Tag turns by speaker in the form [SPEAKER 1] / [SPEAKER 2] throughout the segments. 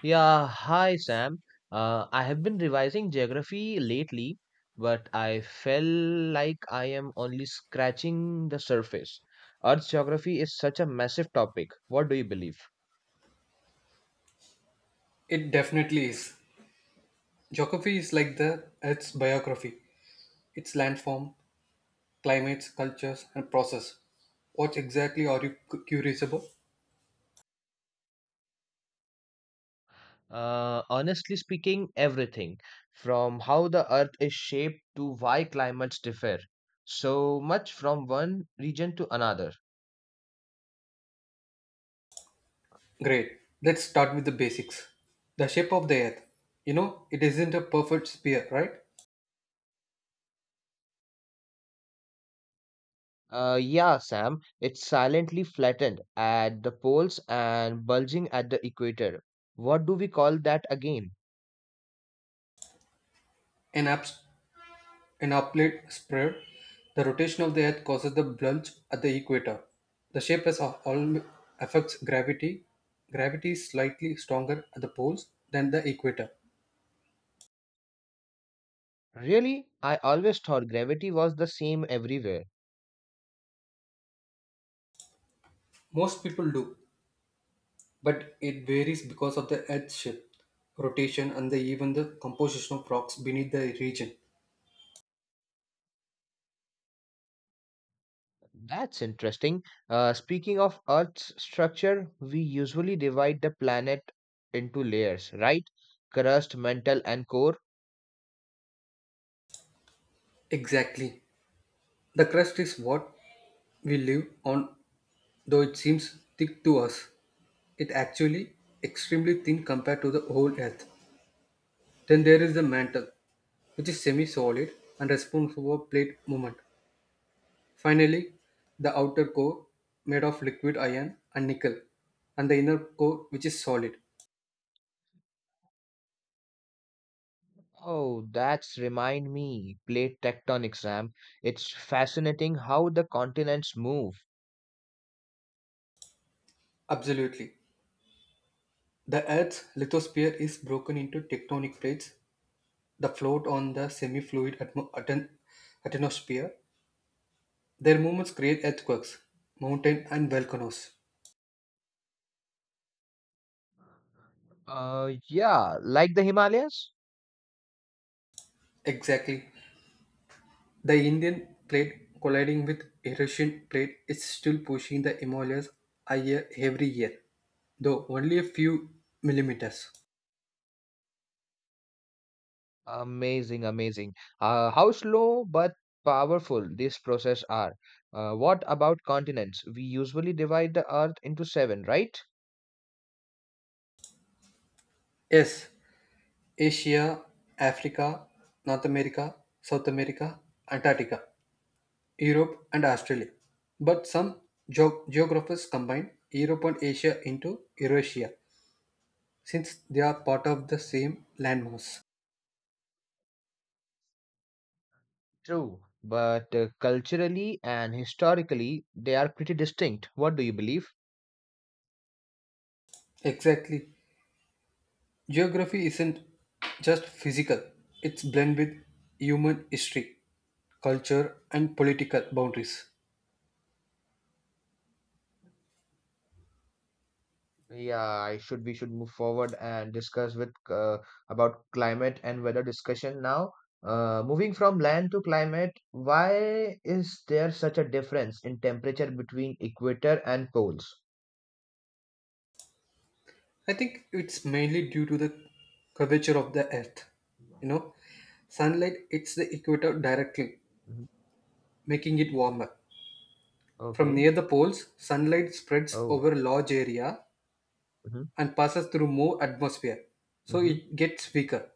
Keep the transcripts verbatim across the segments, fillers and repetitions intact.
[SPEAKER 1] Yeah, hi Sam. Uh, I have been revising geography lately, but I feel like I am only scratching the surface. Earth's geography is such a massive topic. What do you believe?
[SPEAKER 2] It definitely is. Geography is like the Earth's biography. It's landform, climates, cultures, and process. What exactly are you cu- curious about?
[SPEAKER 1] Uh, honestly speaking, everything from how the earth is shaped to why climates differ so much from one region to another.
[SPEAKER 2] Great. Let's start with the basics. The shape of the Earth. You know, it isn't a perfect sphere, right?
[SPEAKER 1] Uh, yeah, Sam, it's silently flattened at the poles and bulging at the equator. What do we call that again?
[SPEAKER 2] An abs- an oblate sphere. The rotation of the Earth causes the bulge at the equator. The shape is al- al- affects gravity. Gravity is slightly stronger at the poles than the equator.
[SPEAKER 1] Really? I always thought gravity was the same everywhere.
[SPEAKER 2] Most people do, but it varies because of the Earth's shape, rotation, and the, even the composition of rocks beneath the region.
[SPEAKER 1] That's interesting. Uh, speaking of Earth's structure, we usually divide the planet into layers, right? Crust, mantle, and core.
[SPEAKER 2] Exactly. The crust is what we live on, though it seems thick to us. It actually extremely thin compared to the whole Earth. Then there is the mantle, which is semi-solid and responsible for plate movement. Finally, the outer core made of liquid iron and nickel, and the inner core which is solid.
[SPEAKER 1] Oh, that's remind me, plate tectonics, Sam. It's fascinating how the continents move.
[SPEAKER 2] Absolutely. The Earth's lithosphere is broken into tectonic plates that float on the semi fluid atmo- aten- atmosphere. Their movements create earthquakes, mountain, and volcanoes.
[SPEAKER 1] Uh, yeah, like the Himalayas.
[SPEAKER 2] Exactly. The Indian plate colliding with Eurasian plate is still pushing the Himalayas higher every year, though only a few millimeters.
[SPEAKER 1] Amazing, amazing. Uh, how slow but powerful these processes are. Uh, what about continents? We usually divide the earth into seven, right?
[SPEAKER 2] Yes, Asia, Africa, North America, South America, Antarctica. Europe and Australia. But some geo- geographers combine Europe and Asia into Eurasia since they are part of the same landmass.
[SPEAKER 1] True. But uh, culturally and historically, they are pretty distinct. What do you believe?
[SPEAKER 2] Exactly. Geography isn't just physical, it's blend with human history, culture and political boundaries.
[SPEAKER 1] Yeah, I should we should move forward and discuss with uh, about climate and weather discussion now. Uh, moving from land to climate, why is there such a difference in temperature between equator and poles?
[SPEAKER 2] I think it's mainly due to the curvature of the earth. You know, sunlight hits the equator directly,
[SPEAKER 1] Mhm.
[SPEAKER 2] making it warmer. From
[SPEAKER 1] Okay.
[SPEAKER 2] near the poles, sunlight spreads
[SPEAKER 1] Oh.
[SPEAKER 2] over large area
[SPEAKER 1] Hmm.
[SPEAKER 2] and passes through more atmosphere, so
[SPEAKER 1] Hmm.
[SPEAKER 2] it gets weaker.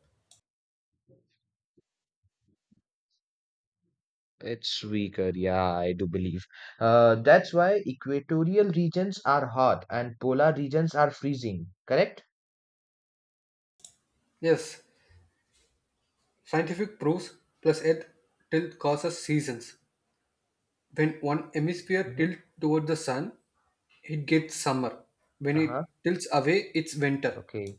[SPEAKER 1] It's weaker. Yeah, I do believe. Uh, that's why equatorial regions are hot and polar regions are freezing. Correct?
[SPEAKER 2] Yes, scientific proofs plus Earth tilt causes seasons. When one hemisphere
[SPEAKER 1] Mm-hmm.
[SPEAKER 2] tilts toward the sun, it gets summer. When it
[SPEAKER 1] Uh-huh.
[SPEAKER 2] tilts away, it's winter.
[SPEAKER 1] Okay.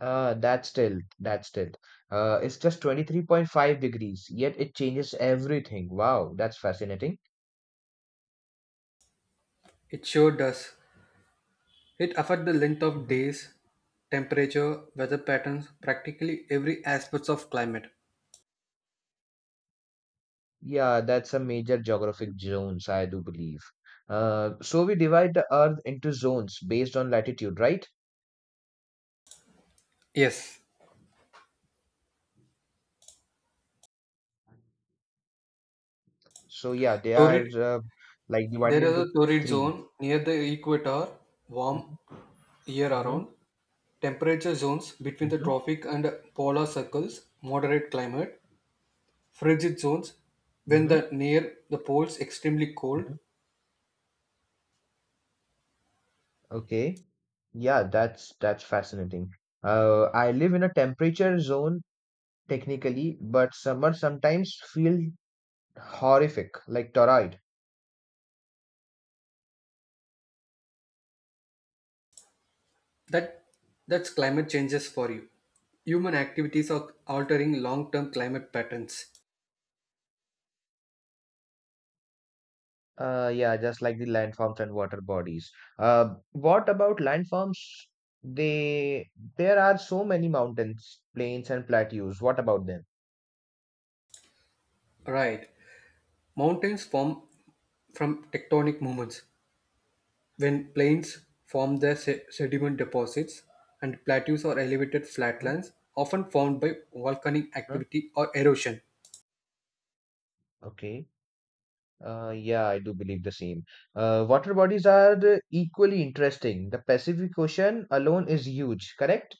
[SPEAKER 1] Uh, that's still, that's still. Uh, It's just twenty-three point five degrees, yet it changes everything. Wow, that's fascinating.
[SPEAKER 2] It sure does. It affects the length of
[SPEAKER 1] Hmm.
[SPEAKER 2] days, temperature, weather patterns, practically every aspect of climate.
[SPEAKER 1] Yeah, that's a major geographic zones, I do believe. Uh, so we divide the Earth into zones based on latitude, right?
[SPEAKER 2] Yes,
[SPEAKER 1] So yeah, they are
[SPEAKER 2] Torrid.
[SPEAKER 1] uh, like divided
[SPEAKER 2] There is
[SPEAKER 1] into
[SPEAKER 2] a torrid
[SPEAKER 1] three.
[SPEAKER 2] zone near the equator, warm
[SPEAKER 1] Mm-hmm. Mm-hmm.
[SPEAKER 2] year-round. Temperature zones between the tropic and polar circles, moderate climate. Frigid zones, when
[SPEAKER 1] Mm-hmm.
[SPEAKER 2] the near the poles, extremely cold.
[SPEAKER 1] Mm-hmm. Okay. Yeah, that's that's fascinating. Uh, I live in a temperature zone technically, but summer sometimes feel horrific, like torrid.
[SPEAKER 2] That that's climate changes for you. Human activities are altering long-term climate patterns.
[SPEAKER 1] Uh, yeah, just like the landforms and water bodies. Uh, what about landforms? They There are so many mountains, plains, and plateaus. What about them?
[SPEAKER 2] Right. Mountains form from tectonic movements. When plains form their se- sediment deposits and plateaus or elevated
[SPEAKER 1] Mhm,
[SPEAKER 2] flatlands, often formed by volcanic
[SPEAKER 1] mhm.
[SPEAKER 2] activity or erosion.
[SPEAKER 1] Okay. Uh, yeah, I do believe the same. Uh, water bodies are the equally interesting. The Pacific Ocean alone is huge, correct?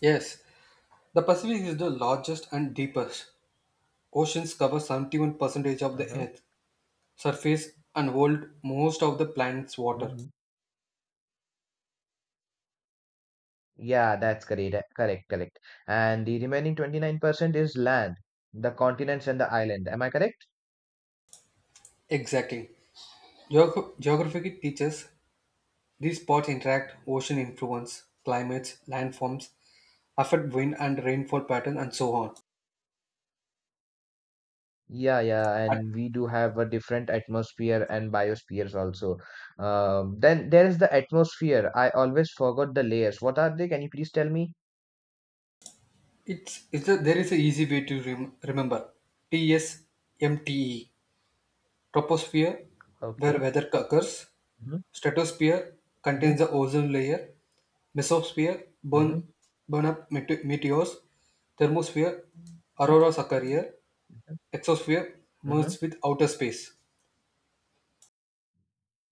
[SPEAKER 2] Yes, the Pacific is the largest and deepest. Oceans cover seventy-one percent of the
[SPEAKER 1] Uh-huh.
[SPEAKER 2] Earth's surface and hold most of the planet's water.
[SPEAKER 1] Yeah, that's correct. Correct, correct. And the remaining twenty-nine percent is land, the continents and the island. Am I correct?
[SPEAKER 2] Exactly. Geog- geography teaches these spots interact, ocean influence, climates, landforms, affect wind and rainfall patterns, and so on.
[SPEAKER 1] Yeah, yeah. And we do have a different atmosphere and biospheres also. Um, then there is the atmosphere. I always forgot the layers. What are they? Can you please tell me?
[SPEAKER 2] It's, it's a, there is an easy way to rem, remember. T S M T E, troposphere, where
[SPEAKER 1] Okay.
[SPEAKER 2] weather occurs.
[SPEAKER 1] Hmm.
[SPEAKER 2] Stratosphere
[SPEAKER 1] Hmm.
[SPEAKER 2] contains the ozone layer. Mesosphere, burn,
[SPEAKER 1] Hmm.
[SPEAKER 2] burn up mete- meteors. Thermosphere, auroras occur here. Exosphere,
[SPEAKER 1] Hmm.
[SPEAKER 2] merges with outer space.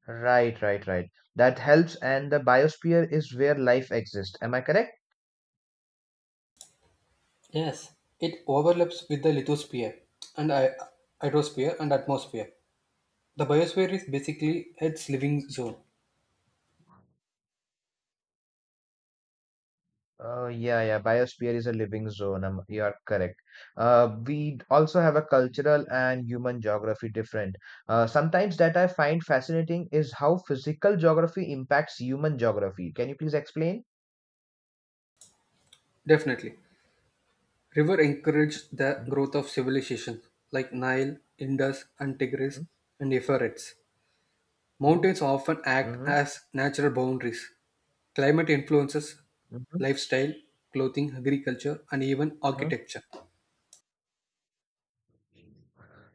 [SPEAKER 1] Right, right, right. That helps. And the biosphere is where life exists. Am I correct?
[SPEAKER 2] Yes, it overlaps with the lithosphere and hy- hydrosphere and atmosphere. The biosphere is basically its living zone.
[SPEAKER 1] Oh yeah, yeah. Biosphere is a living zone. Um, you are correct. Uh, we also have a cultural and human geography different. Uh, sometimes that I find fascinating is how physical geography impacts human geography. Can you please explain?
[SPEAKER 2] Definitely. River encouraged the
[SPEAKER 1] Mhm,
[SPEAKER 2] growth of civilizations like Nile, Indus, and Tigris
[SPEAKER 1] mhm,
[SPEAKER 2] and Euphrates. Mountains often act
[SPEAKER 1] mhm,
[SPEAKER 2] as natural boundaries. Climate influences
[SPEAKER 1] mhm, mhm,
[SPEAKER 2] lifestyle, clothing, agriculture, and even
[SPEAKER 1] mhm.
[SPEAKER 2] architecture.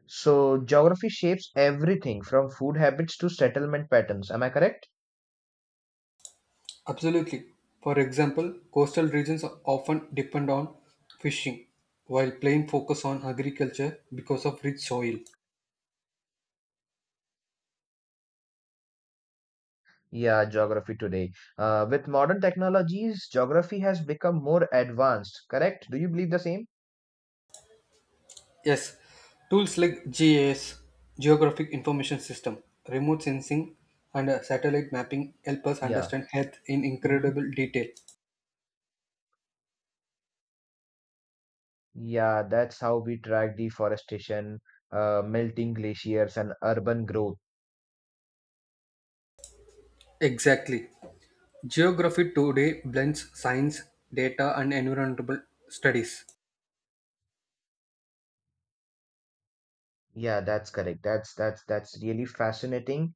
[SPEAKER 1] So geography shapes everything from food habits to settlement patterns. Am I correct?
[SPEAKER 2] Absolutely. For example, coastal regions are often depend on fishing, while plain focus on agriculture because of rich soil.
[SPEAKER 1] Yeah, geography today. Uh, with modern technologies, geography has become more advanced. Correct? Do you believe the same?
[SPEAKER 2] Yes, tools like G I S, Geographic Information System, remote sensing, and uh, satellite mapping help us
[SPEAKER 1] Yeah.
[SPEAKER 2] understand Earth in
[SPEAKER 1] Mm-hmm.
[SPEAKER 2] incredible detail.
[SPEAKER 1] Yeah, that's how we track deforestation, uh, melting glaciers, and urban growth.
[SPEAKER 2] Exactly. Geography today blends science, data, and environmental studies.
[SPEAKER 1] Yeah, that's correct. That's that's that's really fascinating.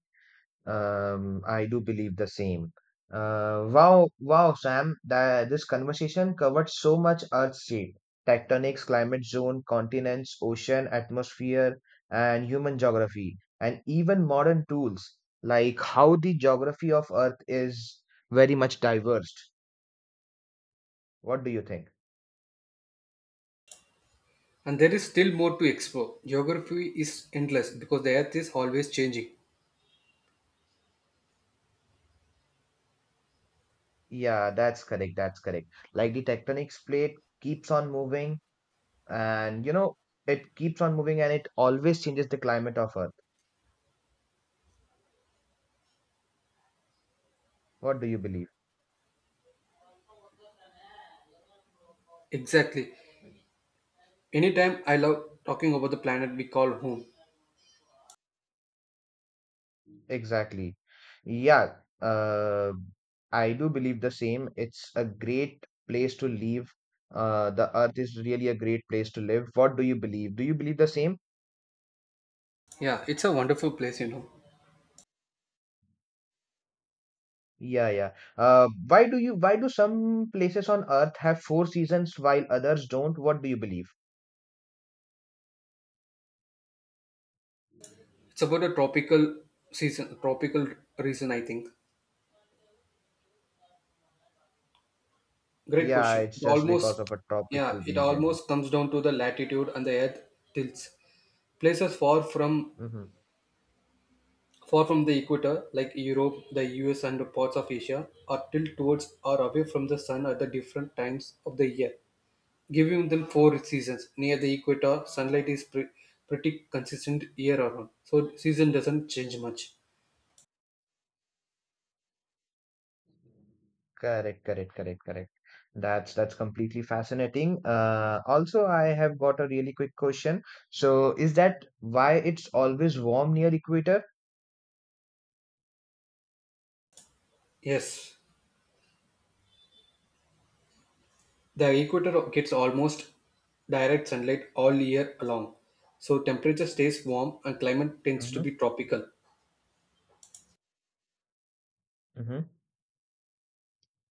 [SPEAKER 1] Um, I do believe the same. Uh, wow, wow, Sam, that this conversation covered so much earth shape, tectonics, climate zone, continents, ocean, atmosphere, and human geography, and even modern tools like how the geography of Earth is very much diverse. What do you think?
[SPEAKER 2] And there is still more to explore. Geography is endless because the Earth is always changing.
[SPEAKER 1] Yeah, that's correct. That's correct. Like the tectonics plate keeps on moving and you know, it keeps on moving and it always changes the climate of Earth. What do you believe?
[SPEAKER 2] Exactly. Anytime I love talking about the planet we call home.
[SPEAKER 1] Exactly. Yeah, uh, I do believe the same. It's a great place to live. Uh, the Earth is really a great place to live. What do you believe? Do you believe the same?
[SPEAKER 2] Yeah, it's a wonderful place, you know.
[SPEAKER 1] Yeah, yeah. Uh, why do you, why do some places on Earth have four seasons while others don't? What do you believe?
[SPEAKER 2] It's about a tropical season, tropical reason, I think. Great
[SPEAKER 1] Yeah,
[SPEAKER 2] question.
[SPEAKER 1] it's
[SPEAKER 2] It
[SPEAKER 1] just because
[SPEAKER 2] almost,
[SPEAKER 1] of a tropical
[SPEAKER 2] yeah, it
[SPEAKER 1] region.
[SPEAKER 2] almost comes down to the latitude and the Earth tilts. Places far from
[SPEAKER 1] Hmm.
[SPEAKER 2] far from the equator, like Europe, the U S, and parts of Asia, are tilted towards or away from the sun at the different times of the year, giving them four seasons. Near the equator, sunlight is pre- pretty consistent year around, so season doesn't change much.
[SPEAKER 1] Correct, correct, correct, correct. That's that's completely fascinating. Uh, also, I have got a really quick question. So, is that why it's always warm near equator?
[SPEAKER 2] Yes. The equator gets almost direct sunlight all year long, so temperature stays warm and climate tends to
[SPEAKER 1] Hmm.
[SPEAKER 2] be tropical.
[SPEAKER 1] Hmm.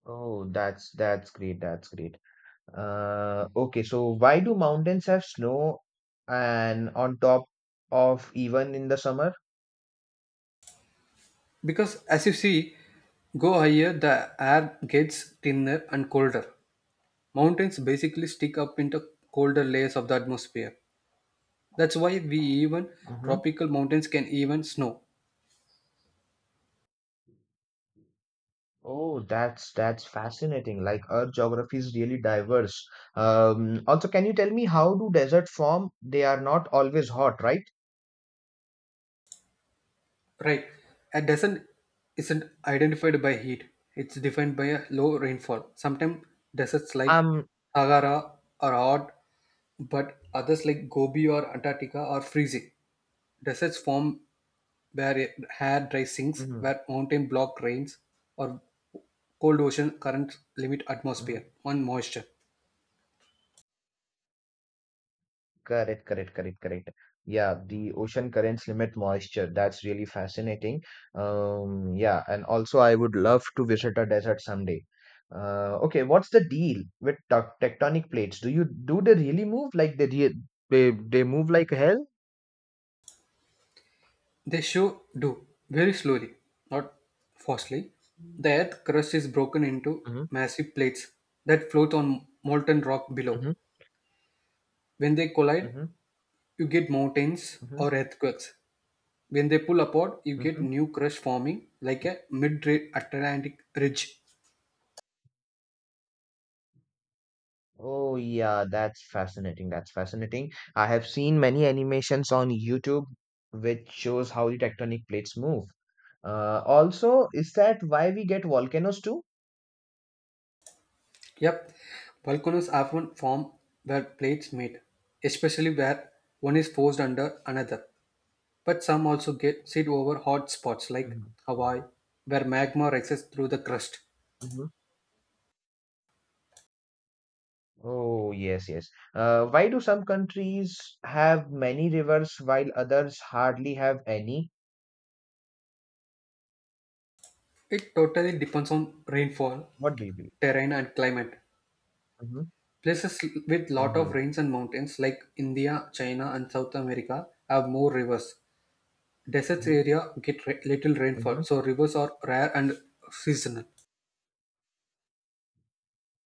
[SPEAKER 1] Oh, that's that's great. That's great. Uh, okay, so why do mountains have snow and on top of even in the summer?
[SPEAKER 2] Because as you see, go higher, the air gets thinner and colder. Mountains basically stick up into colder layers of the atmosphere. That's why we even
[SPEAKER 1] Mm-hmm.
[SPEAKER 2] tropical mountains can even snow.
[SPEAKER 1] Oh, that's that's fascinating. Like Earth geography is really diverse. Um, also, can you tell me how do desert form? They are not always hot, right?
[SPEAKER 2] Right. A descent isn't identified by heat. It's defined by a low rainfall. Sometimes deserts like
[SPEAKER 1] Um,
[SPEAKER 2] Sahara are hot, but others like Gobi or Antarctica are freezing. Deserts form where air dry sinks,
[SPEAKER 1] mhm,
[SPEAKER 2] where mountain block rains, or cold ocean currents limit atmosphere
[SPEAKER 1] mhm.
[SPEAKER 2] and moisture.
[SPEAKER 1] Correct, correct, correct, correct. Yeah, the ocean currents limit moisture. That's really fascinating. Um, yeah, and also I would love to visit a desert someday. Uh, okay, what's the deal with tec- tectonic plates? Do you do they really move? Like they re- they they move like hell?
[SPEAKER 2] They show do very slowly, not fastly. The earth crust is broken into
[SPEAKER 1] Mm-hmm,
[SPEAKER 2] massive plates that float on molten rock below.
[SPEAKER 1] mm-hmm,
[SPEAKER 2] When they collide,
[SPEAKER 1] mm-hmm,
[SPEAKER 2] you get mountains
[SPEAKER 1] mm-hmm.
[SPEAKER 2] or earthquakes. When they pull apart, you get new crust forming like a mid-Atlantic ridge.
[SPEAKER 1] Oh, yeah, that's fascinating. That's fascinating. I have seen many animations on YouTube which shows how the tectonic plates move. Uh, also, is that why we get volcanoes too?
[SPEAKER 2] Yep, volcanoes often form where plates meet, especially where one is forced under another. But some also get sit over hot spots like
[SPEAKER 1] Mhm,
[SPEAKER 2] Hawaii, where magma rises through the crust.
[SPEAKER 1] mhm. Oh, yes, yes. Uh, why do some countries have many rivers while others hardly have any?
[SPEAKER 2] It totally depends on rainfall,
[SPEAKER 1] What do you believe?
[SPEAKER 2] terrain, and climate.
[SPEAKER 1] Mm-hmm.
[SPEAKER 2] Places with lot of
[SPEAKER 1] Mm-hmm.
[SPEAKER 2] rains and mountains like India, China, and South America have more rivers. Deserts area get ra- little
[SPEAKER 1] Mm-hmm.
[SPEAKER 2] rainfall, so rivers are rare and seasonal.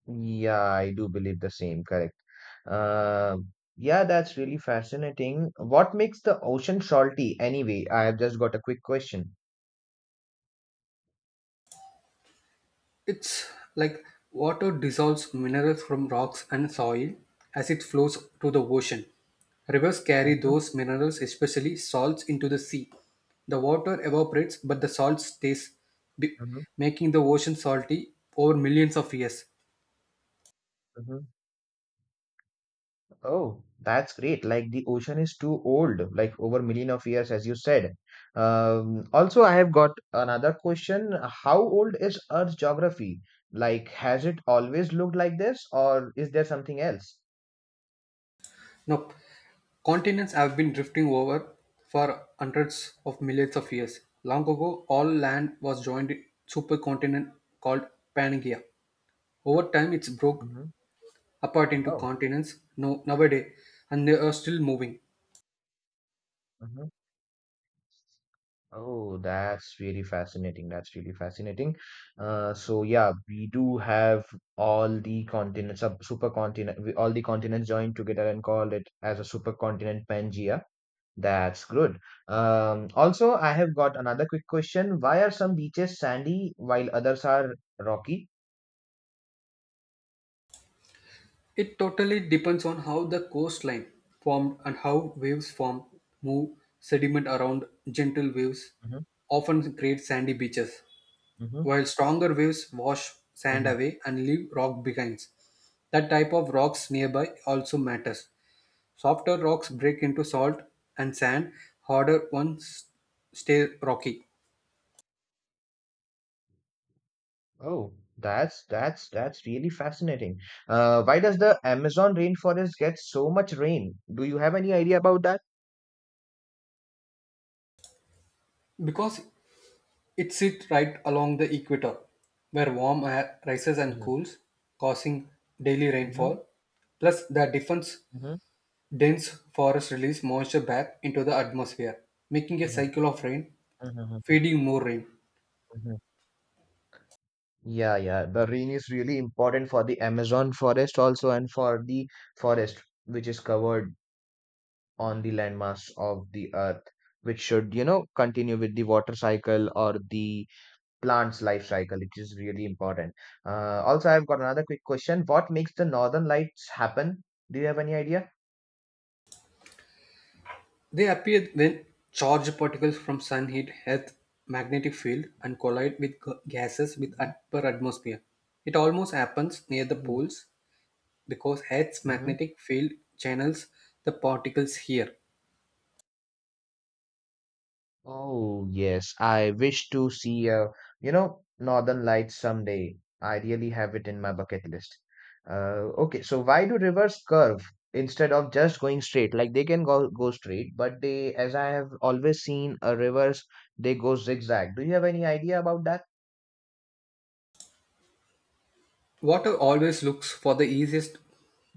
[SPEAKER 1] Yeah, I do believe the same. Correct. Uh, yeah, that's really fascinating. What makes the ocean salty anyway? I have just got a quick question.
[SPEAKER 2] It's like water dissolves minerals from rocks and soil as it flows to the ocean. Rivers carry
[SPEAKER 1] Mm-hmm,
[SPEAKER 2] those minerals, especially salts, into the sea. The water evaporates, but the salt stays, be-
[SPEAKER 1] mm-hmm,
[SPEAKER 2] making the ocean salty over millions of years.
[SPEAKER 1] mm-hmm. Oh, that's great. Like the ocean is too old, like over million of years, as you said. Um, also, I have got another question. How old is Earth's geography? Like, has it always looked like this, or is there something else?
[SPEAKER 2] Now, continents have been drifting over for hundreds of millions of years. Long ago, all land was joined in supercontinent called Pangaea. Over time, it's broke
[SPEAKER 1] Mm-hmm.
[SPEAKER 2] apart into
[SPEAKER 1] Oh.
[SPEAKER 2] continents no, nowadays, and they are still moving.
[SPEAKER 1] Mm-hmm. Oh, that's really fascinating. That's really fascinating. Uh, so yeah, we do have all the continents, sub supercontinent, we- all the continents joined together and called it as a supercontinent Pangea. That's good. Um, also, I have got another quick question. Why are some beaches sandy while others are rocky?
[SPEAKER 2] It totally depends on how the coastline formed and how waves form, move sediment around gentle waves,
[SPEAKER 1] Mm-hmm,
[SPEAKER 2] often create sandy beaches,
[SPEAKER 1] mm-hmm,
[SPEAKER 2] while stronger waves wash sand
[SPEAKER 1] mm-hmm.
[SPEAKER 2] away and leave rock behind. That type of rocks nearby also matters. Softer rocks break into salt and sand, harder ones stay rocky.
[SPEAKER 1] Oh, that's that's that's really fascinating. Uh, why does the Amazon rainforest get so much rain? Do you have any idea about that?
[SPEAKER 2] Because it sits right along the equator, where warm air rises and cools, causing daily
[SPEAKER 1] Mhm.
[SPEAKER 2] rainfall. Plus, the difference
[SPEAKER 1] Mhm,
[SPEAKER 2] dense forests release moisture back into the atmosphere, making a
[SPEAKER 1] mhm,
[SPEAKER 2] cycle of rain,
[SPEAKER 1] mhm, mhm,
[SPEAKER 2] feeding more rain.
[SPEAKER 1] mhm. Yeah, yeah. The rain is really important for the Amazon forest also and for the forest which is covered on the landmass of the earth, which should, you know, continue with the water cycle or the plant's life cycle, which is really important. Uh, also, I've got another quick question. What makes the northern lights happen? Do you have any idea?
[SPEAKER 2] They appear when charged particles from sun heat Earth's magnetic field and collide with g- gases with
[SPEAKER 1] Mm-hmm.
[SPEAKER 2] upper atmosphere. It almost happens near the poles because Earth's
[SPEAKER 1] Mm-hmm.
[SPEAKER 2] magnetic field channels the particles here.
[SPEAKER 1] Oh, yes, I wish to see a, you know, Northern Lights someday. I really have it in my bucket list. Uh, okay, so why do rivers curve instead of just going straight? Like they can go go straight, but they, as I have always seen, a rivers they go zigzag. Do you have any idea about that?
[SPEAKER 2] Water always looks for the easiest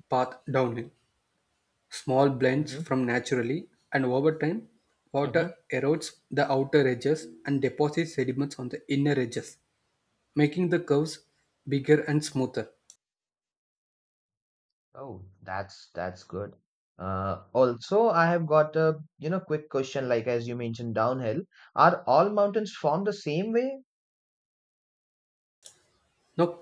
[SPEAKER 2] path downhill. Small blends
[SPEAKER 1] Mm-hmm.
[SPEAKER 2] from naturally, and over time, water
[SPEAKER 1] Hmm.
[SPEAKER 2] erodes the outer edges and deposits sediments on the inner edges, making the curves bigger and smoother.
[SPEAKER 1] Oh, that's that's good. Uh, also, I have got a, you know, quick question. Like as you mentioned, downhill, are all mountains formed the same way?
[SPEAKER 2] Now,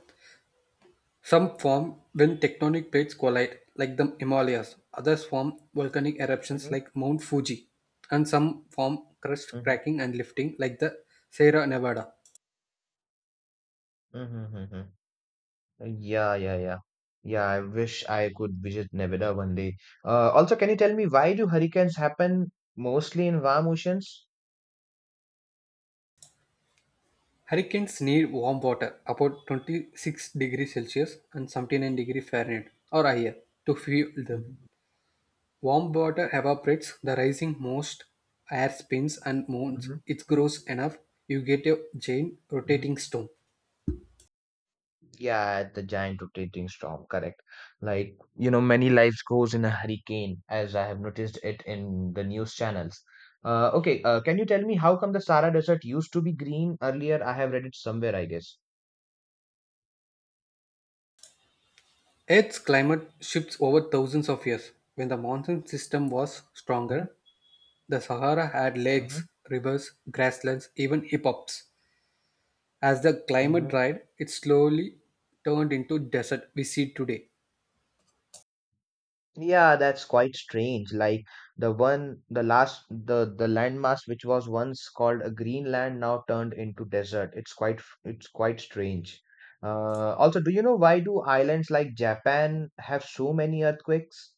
[SPEAKER 2] some form when tectonic plates collide, like the Himalayas, others form volcanic eruptions
[SPEAKER 1] Mm-hmm.
[SPEAKER 2] like Mount Fuji, and some form crust cracking and lifting, like the Sierra Nevada.
[SPEAKER 1] Mm-hmm. Mm-hmm. Yeah, yeah, yeah. Yeah, I wish I could visit Nevada one day. Uh, also, can you tell me why do hurricanes happen mostly in warm oceans?
[SPEAKER 2] Hurricanes need warm water about twenty-six degrees Celsius and seventy-nine degrees Fahrenheit or higher to fuel them.
[SPEAKER 1] Mm-hmm.
[SPEAKER 2] Warm water evaporates, the rising most air spins and moves.
[SPEAKER 1] Mm-hmm.
[SPEAKER 2] It grows enough, you get a giant
[SPEAKER 1] Mm-hmm.
[SPEAKER 2] rotating storm.
[SPEAKER 1] Yeah, the giant rotating storm, correct. Like, you know, many lives goes in a hurricane, as I have noticed it in the news channels. Uh, okay, uh, can you tell me how come the Sahara Desert used to be green earlier? I have read it somewhere, I guess.
[SPEAKER 2] Earth's climate shifts over thousands of years. When the monsoon system was
[SPEAKER 1] Mm-hmm.
[SPEAKER 2] stronger, the Sahara had lakes,
[SPEAKER 1] Mm-hmm.
[SPEAKER 2] rivers, grasslands, even hip-hops. As the climate
[SPEAKER 1] Mm-hmm.
[SPEAKER 2] dried, it slowly turned into desert we see today.
[SPEAKER 1] Yeah, that's quite strange. Like the one, the last, the the landmass which was once called a Greenland now turned into desert. It's quite, f- it's quite strange. Uh, also, do you know why do islands like Japan have so many earthquakes?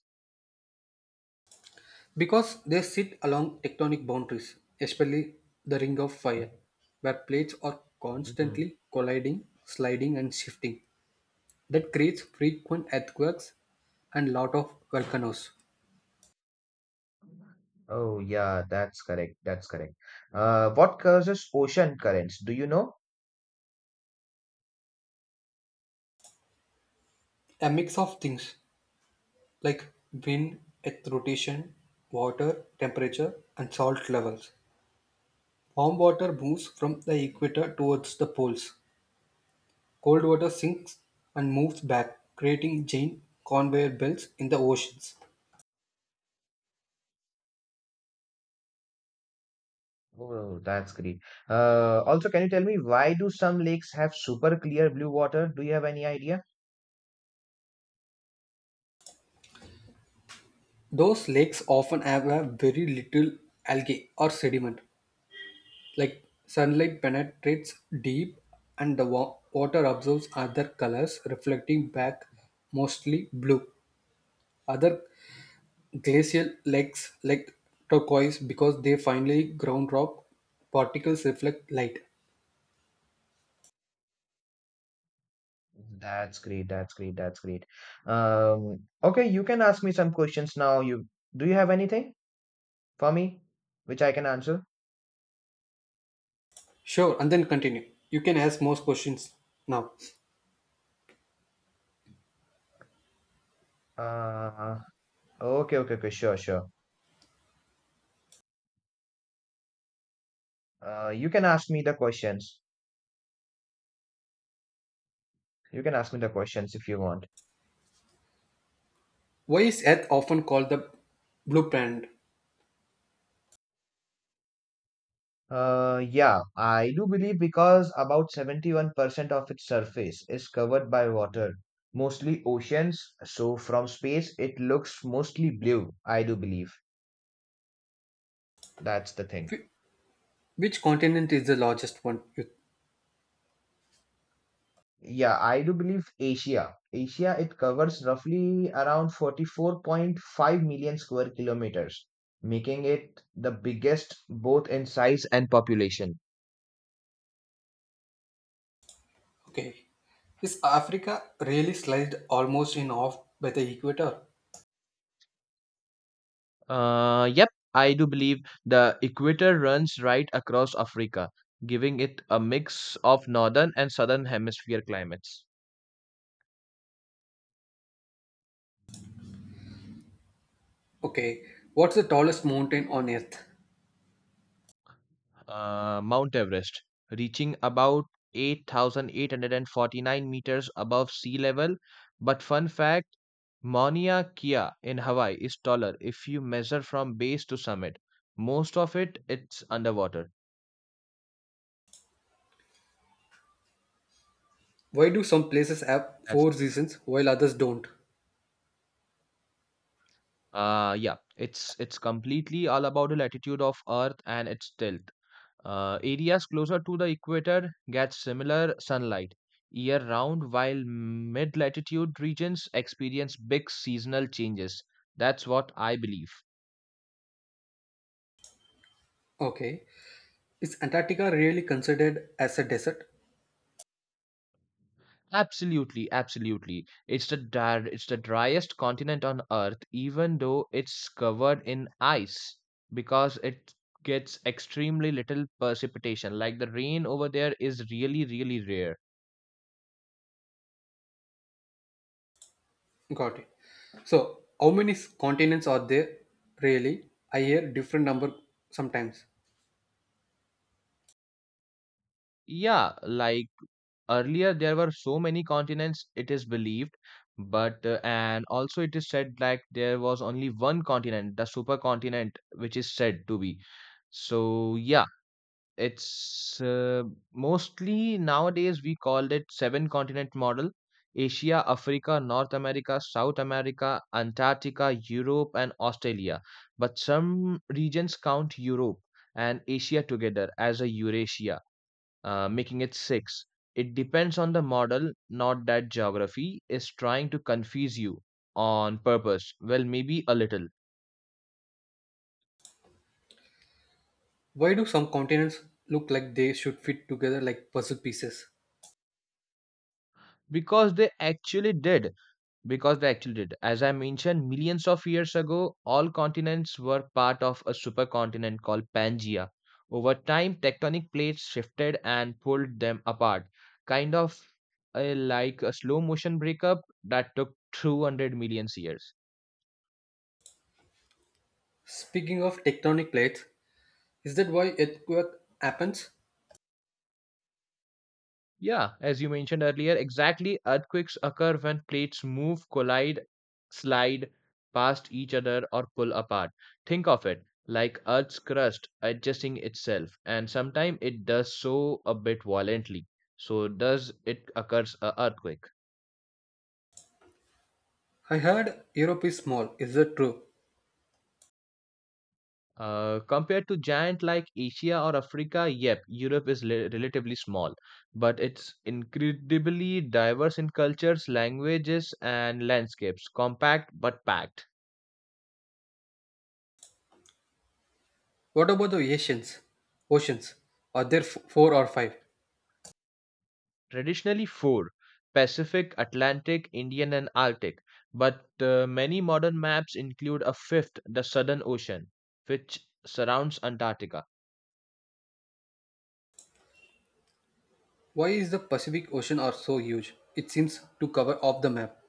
[SPEAKER 2] Because they sit along tectonic boundaries, especially the Ring of Fire,
[SPEAKER 1] Mhm.
[SPEAKER 2] where plates are
[SPEAKER 1] Mhm.
[SPEAKER 2] constantly colliding, sliding, and shifting. That creates frequent earthquakes and lot of volcanoes.
[SPEAKER 1] Oh, yeah, that's correct. That's correct. Uh, what causes ocean currents? Do you know?
[SPEAKER 2] A mix of things like wind, earth rotation, water, temperature, and salt levels. Warm water moves from the equator towards the poles. Cold water sinks and moves back, creating giant conveyor belts in the oceans.
[SPEAKER 1] Oh, that's great. Uh, also, can you tell me why do some lakes have super clear blue water? Do you have any idea?
[SPEAKER 2] Those lakes often have a very little algae or sediment, like sunlight penetrates deep and the wa- water absorbs other colors, reflecting back mostly blue. Other glacial lakes, like turquoise, because they finally ground rock particles reflect light.
[SPEAKER 1] That's great. That's great. That's great. Um, okay, you can ask me some questions now. You Do you have anything for me which I can answer?
[SPEAKER 2] Sure, and then continue. You can ask most questions now.
[SPEAKER 1] Uh, okay, okay, okay. Sure, sure. Uh, you can ask me the questions. You can ask me the questions if you want.
[SPEAKER 2] Why is Earth often called the blue planet?
[SPEAKER 1] Uh, yeah, I do believe because about seventy-one percent of its surface is covered by water, mostly oceans. So from space, it looks mostly blue. I do believe that's the thing.
[SPEAKER 2] Wh- Which continent is the largest one? You-
[SPEAKER 1] Yeah, I do believe Asia. Asia, it covers roughly around forty-four point five million square kilometers, making it the biggest both in size and population.
[SPEAKER 2] Okay, is Africa really sliced almost in half by the equator?
[SPEAKER 1] Uh, yep, I do believe the equator runs right across Africa, giving it a mix of northern and southern hemisphere climates.
[SPEAKER 2] Okay, what's the tallest mountain on Earth?
[SPEAKER 1] uh, Mount Everest, reaching about eight thousand eight hundred forty-nine meters above sea level. But fun fact, Mauna Kea in Hawaii is taller if you measure from base to summit. Most of it, it's underwater.
[SPEAKER 2] Why do some places have
[SPEAKER 1] That's
[SPEAKER 2] four
[SPEAKER 1] the thing.
[SPEAKER 2] seasons while others don't?
[SPEAKER 1] Uh, yeah, it's it's completely all about the latitude of Earth and its tilt. Uh, areas closer to the equator get similar sunlight year round, while mid latitude regions experience big seasonal changes. That's what I believe.
[SPEAKER 2] Okay, is Antarctica really considered as a desert?
[SPEAKER 1] Absolutely, absolutely. It's the dry, it's the driest continent on Earth, even though it's covered in ice, because it gets extremely little precipitation. Like the rain over there is really, really rare.
[SPEAKER 2] Got it. So, how many s- continents are there really? I hear different number sometimes.
[SPEAKER 1] Yeah, like earlier there were so many continents it is believed, but uh, and also it is said like there was only one continent, the supercontinent which is said to be, so yeah it's uh, mostly nowadays we called it seven continent model: asia, africa, north america, south america, antarctica, europe, and australia, but some regions count europe and asia together as a eurasia, uh, making it six. It depends on the model, not that geography is trying to confuse you on purpose. Well, maybe a little.
[SPEAKER 2] Why do some continents look like they should fit together like puzzle pieces?
[SPEAKER 1] Because they actually did. Because they actually did. As I mentioned, millions of years ago, all continents were part of a supercontinent called Pangaea. Over time, tectonic plates shifted and pulled them apart, kind of uh, like a slow motion breakup that took two hundred million years.
[SPEAKER 2] Speaking of tectonic plates, is that why earthquake happens?
[SPEAKER 1] Yeah, as you mentioned earlier, exactly earthquakes occur when plates move, collide, slide past each other, or pull apart. Think of it like Earth's crust adjusting itself, and sometimes it does so a bit violently. So does it occurs a earthquake.
[SPEAKER 2] I heard Europe is small. Is that true?
[SPEAKER 1] Uh, compared to giant like Asia or Africa, yep, Europe is le- relatively small, but it's incredibly diverse in cultures, languages, and landscapes, compact but packed.
[SPEAKER 2] What about the Asians? Oceans? Are there f- four or five?
[SPEAKER 1] Traditionally four: Pacific, Atlantic, Indian, and Arctic, but uh, many modern maps include a fifth, the Southern Ocean, which surrounds Antarctica.
[SPEAKER 2] Why is the Pacific Ocean are so huge? It seems to cover off the map.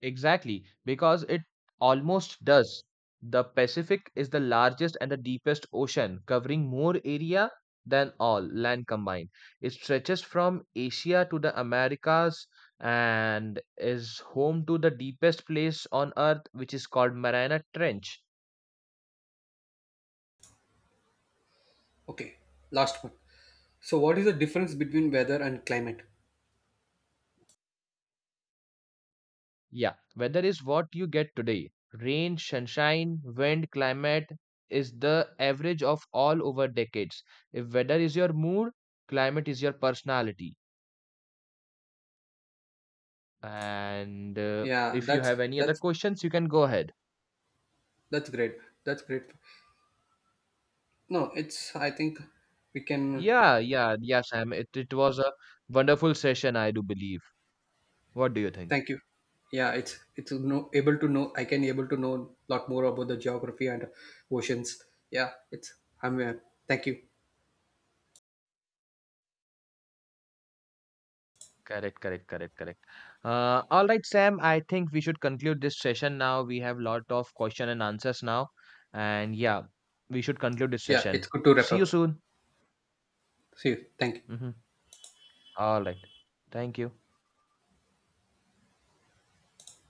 [SPEAKER 1] Exactly, because it almost does. The Pacific is the largest and the deepest ocean, covering more area than all land combined. It stretches from Asia to the Americas and is home to the deepest place on earth, which is called Mariana Trench.
[SPEAKER 2] Okay, last one. So what is the difference between weather and climate?
[SPEAKER 1] Yeah, weather is what you get today. Rain, sunshine, wind, climate is the average of all over decades. If weather is your mood, climate is your personality. And uh,
[SPEAKER 2] Yeah,
[SPEAKER 1] if you
[SPEAKER 2] that's
[SPEAKER 1] have any other
[SPEAKER 2] that's
[SPEAKER 1] questions, you can go ahead.
[SPEAKER 2] that's great. That's great. No, it's I think we can,
[SPEAKER 1] Yeah, yeah, yeah, Sam. It, it was a wonderful session, I do believe. What do you think?
[SPEAKER 2] thank you. Yeah, it's it's no able to know, I can able to know lot more about the geography and oceans. Yeah, it's I'm uh, thank you.
[SPEAKER 1] Correct, correct, correct, correct. Uh, all right, Sam, I think we should conclude this session now. We have lot of question and answers now. And yeah, we should conclude this
[SPEAKER 2] Yeah, it's
[SPEAKER 1] session.
[SPEAKER 2] good to wrap
[SPEAKER 1] See you
[SPEAKER 2] up.
[SPEAKER 1] soon.
[SPEAKER 2] See you. Thank you.
[SPEAKER 1] Mhm. All right. Thank you.